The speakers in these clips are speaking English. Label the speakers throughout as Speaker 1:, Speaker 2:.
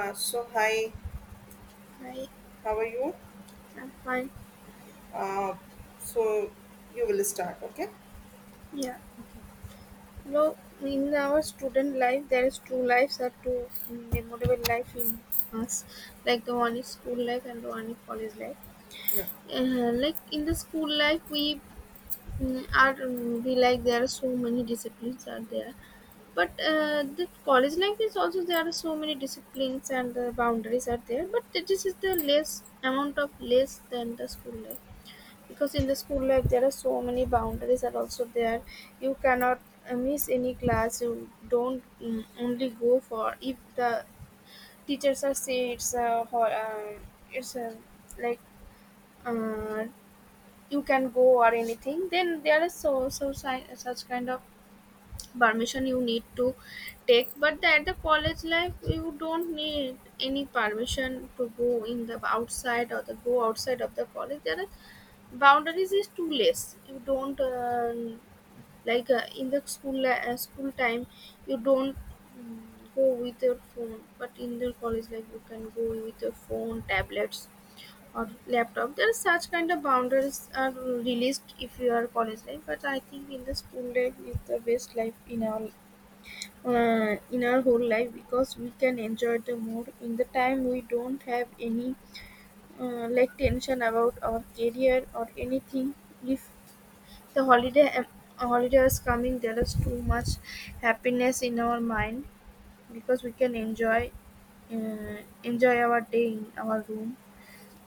Speaker 1: So hi,
Speaker 2: I
Speaker 1: how are you?
Speaker 2: am fine.
Speaker 1: Uh, so you will start, okay?
Speaker 2: Yeah. No, in our student life, there is two lives or two memorable life in us. Like the one is school life and the one is college life.
Speaker 1: Yeah.
Speaker 2: Like in the school life, we there are so many disciplines are there, but the college life is also there are so many disciplines and the boundaries are there. But this is the less amount of less than the school life. Because in the school life there are so many boundaries are also there, you cannot miss any class, you don't only go for if the teachers are say it's a it's a like uh, you can go or anything, then there is such kind of permission you need to take. But at the college life you don't need any permission to go in the outside or the go outside of the college, there are boundaries is too less. You don't like in the school time you don't mm, go with your phone, but in the college life you can go with your phone, tablets or laptop. There are such kind of boundaries are released if you are college life. But I think in the school life is the best life in our whole life, because we can enjoy the more in the time. We don't have any like tension about our career or anything. If the holiday is coming there is too much happiness in our mind, because we can enjoy uh, enjoy our day in our room.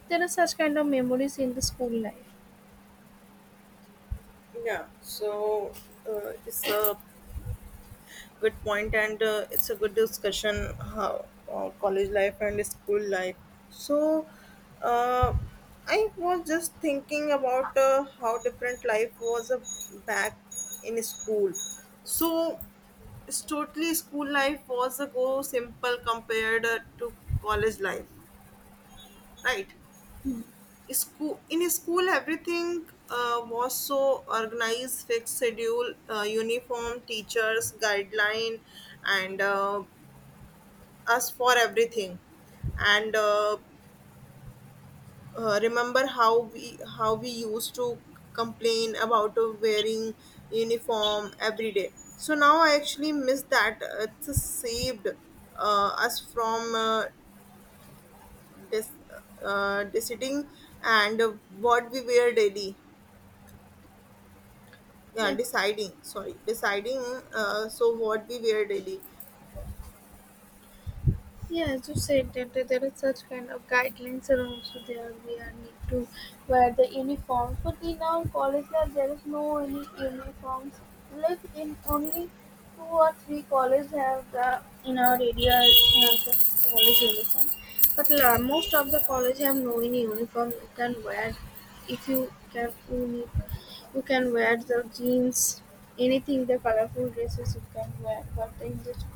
Speaker 2: There are such kind of memories in the school life.
Speaker 1: Yeah. So it's a good point, and it's a good discussion how college life and school life. So uh, I was just thinking about how different life was back in school. So it's totally school life was a go simple compared to college life, right? school in school everything was so organized, fixed schedule, uniform, teachers guideline, and us for everything. And remember how we used to complain about wearing uniform every day. So now I actually miss that. It saved us from dis- deciding and what we wear daily. Yeah,
Speaker 2: Yeah.
Speaker 1: deciding, sorry, deciding. So what we wear daily.
Speaker 2: Yeah, as you said that there is such kind of guidelines are also there. We are need to wear the uniforms, but in our college lab there is no any uniforms. Like in only 2 or 3 colleges have the in our area have the college uniform, but la, most of the college have no any uniform. You can wear if you can you need you can wear the jeans, anything the colorful dresses you can wear. But in this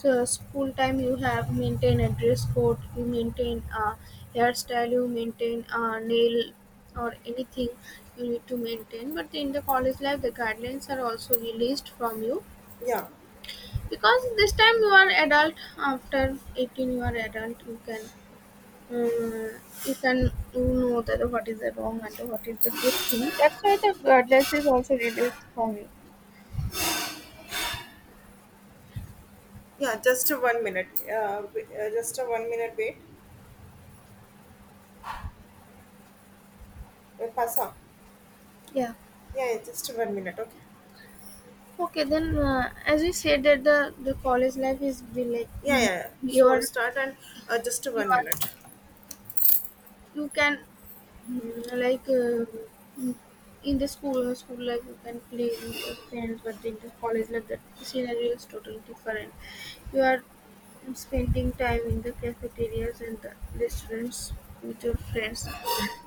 Speaker 2: so school time you have maintain a dress code, you maintain a hairstyle, you maintain a nail or anything you need to maintain. But in the college life, the guidelines are also released from you
Speaker 1: Yeah,
Speaker 2: because this time you are adult. After 18, you are adult. You can uh, you can you know that what is the wrong and what is the good thing. That's why the guidelines is also released from you.
Speaker 1: yeah, just a 1 minute. Just a 1 minute, wait. Will pass.
Speaker 2: Yeah.
Speaker 1: Yeah, yeah, just a 1 minute. Okay.
Speaker 2: Okay, then as you said that the college life is be like
Speaker 1: Yeah, yeah,
Speaker 2: mm,
Speaker 1: yeah.
Speaker 2: you
Speaker 1: So
Speaker 2: are
Speaker 1: start and just a
Speaker 2: you
Speaker 1: one
Speaker 2: are
Speaker 1: minute.
Speaker 2: you can like mm, in the school life you can play with your friends, but in the college life that scenario is totally different. You are spending time in the cafeterias and the restaurants with your friends.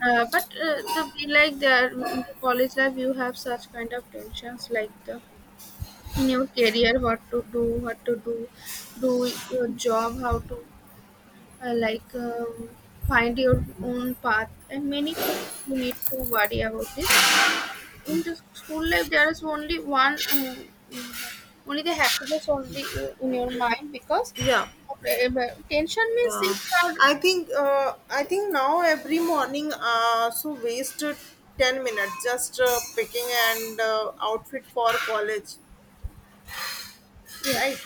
Speaker 2: But the be like there in the college life you have such kind of tensions like the in your career what to do do your job how to uh, like um, find your own path and many things you need to worry about this. In the school life there is only one, only the happiness only in your mind because
Speaker 1: Yeah,
Speaker 2: tension means if
Speaker 1: uh,
Speaker 2: you are
Speaker 1: I think uh, I think now every morning so wasted 10 minutes just picking and outfit for college,
Speaker 2: yeah.
Speaker 1: right?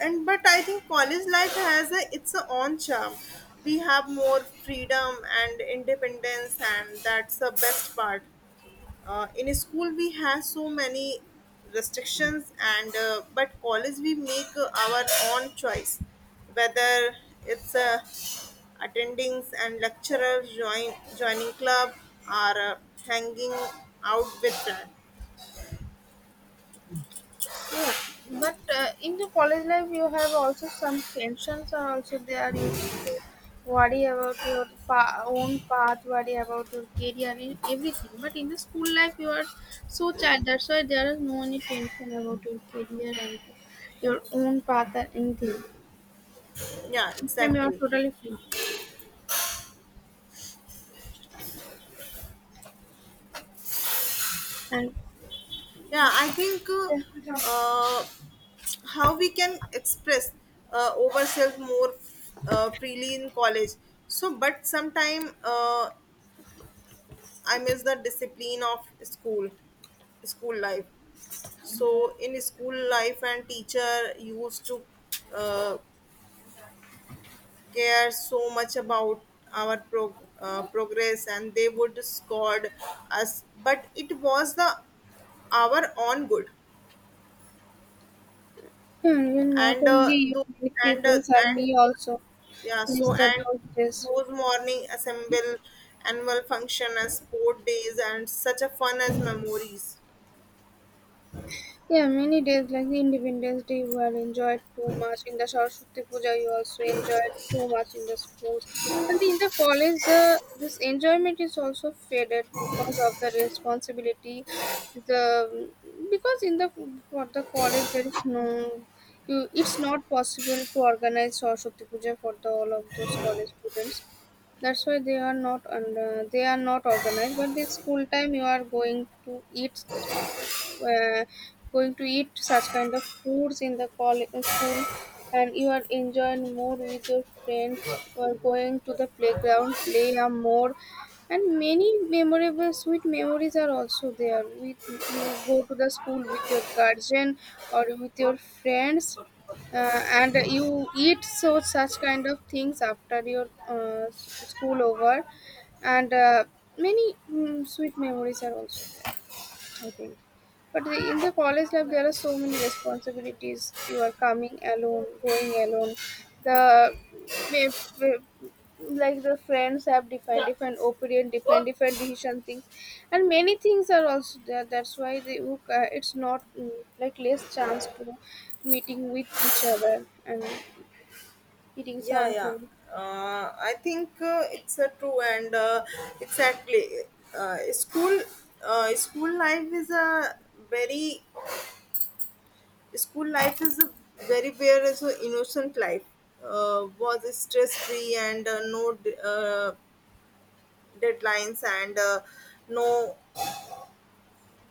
Speaker 1: And but I think college life has a, its a own charm. We have more freedom and independence, and that's the best part. In school we have so many restrictions and but college we make our own choice, whether it's attendings and lecturers, joining club or hanging out with friends.
Speaker 2: Yeah, but in the college life, you have also some tensions, are also there. You have to worry about your own path, worry about your career, and everything. But in the school life, you are so child. That's why there is no any tension about your career and your own path or anything.
Speaker 1: Yeah,
Speaker 2: This time you are
Speaker 1: exactly.
Speaker 2: totally free, and
Speaker 1: yeah i think uh,
Speaker 2: hmm,
Speaker 1: uh, how we can express ourselves more freely in college. So but sometime I miss the discipline of school school life. So in school life and teacher used to uh, care so much about our progress, and they would scold us, but it was the our own good.
Speaker 2: you not
Speaker 1: And
Speaker 2: only you,
Speaker 1: those
Speaker 2: many
Speaker 1: and uh,
Speaker 2: people, are
Speaker 1: and
Speaker 2: me also
Speaker 1: yeah
Speaker 2: miss
Speaker 1: so
Speaker 2: the
Speaker 1: and
Speaker 2: those days.
Speaker 1: those morning assemble, annual function as sport days and such a fun as memories.
Speaker 2: Yeah, many days like the Independence Day were enjoyed too much. In the Saraswati Puja, you also enjoyed too much in the schools. And in the college, the this enjoyment is also faded because of the responsibility. The because in the for the college there is no, you it's not possible to organize Saraswati Puja for the all of those college students. That's why they are not under, they are not organized. But in school time, you are going to eat were going to eat such kind of foods in the college in school, and you are enjoying more with your friends or going to the playground play a more, and many memorable sweet memories are also there with you go to the school with your guardian or with your friends, and you eat so such kind of things after your school over, and many sweet memories are also there I think. But in the college life, there are so many responsibilities. You are coming alone, going alone. The we- we- like the friends have different different opinion, different different decision things, and many things are also there. That's why they it's not like less chance to meeting with each other and eating
Speaker 1: Yeah, yeah.
Speaker 2: something.
Speaker 1: I think it's a true, and exactly uh, school school life is a very school life is a very very so innocent life. Was stress free and no deadlines and no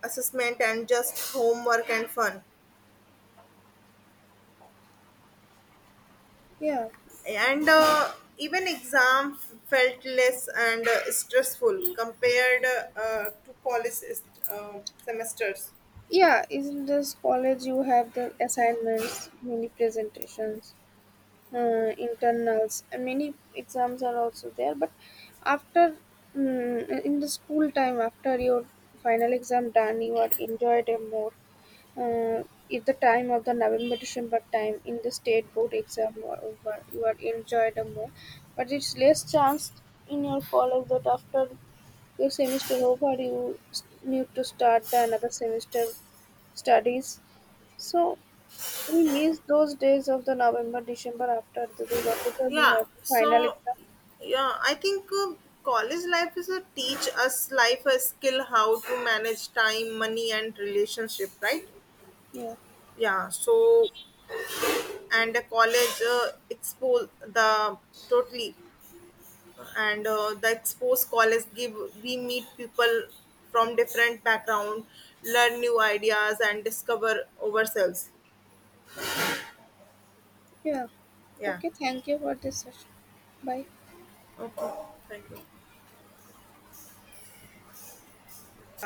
Speaker 1: assessment, and just homework and fun.
Speaker 2: Yeah.
Speaker 1: And even exam felt less and stressful compared to college uh, semesters.
Speaker 2: Yeah, in not this college you have the assignments, many presentations. Uh, internals and many exams are also there, but after in the school time after your final exam done you are enjoyed it more, uh, if the time of the november december time in the state board exam were over you are enjoyed it more, but it's less chance in your college that after your semester over you need to start the another semester studies. So we miss those days of the November, December after the Durga Puja. We
Speaker 1: Yeah,
Speaker 2: have the final
Speaker 1: so
Speaker 2: exam.
Speaker 1: yeah I think college life is a teach us life a skill how to manage time, money and relationship, right?
Speaker 2: Yeah.
Speaker 1: Yeah, so and the college expose the totally, and the expose college give we meet people from different background, learn new ideas and discover ourselves.
Speaker 2: Yeah.
Speaker 1: Yeah,
Speaker 2: Okay, thank you for this session. Bye.
Speaker 1: okay, thank you.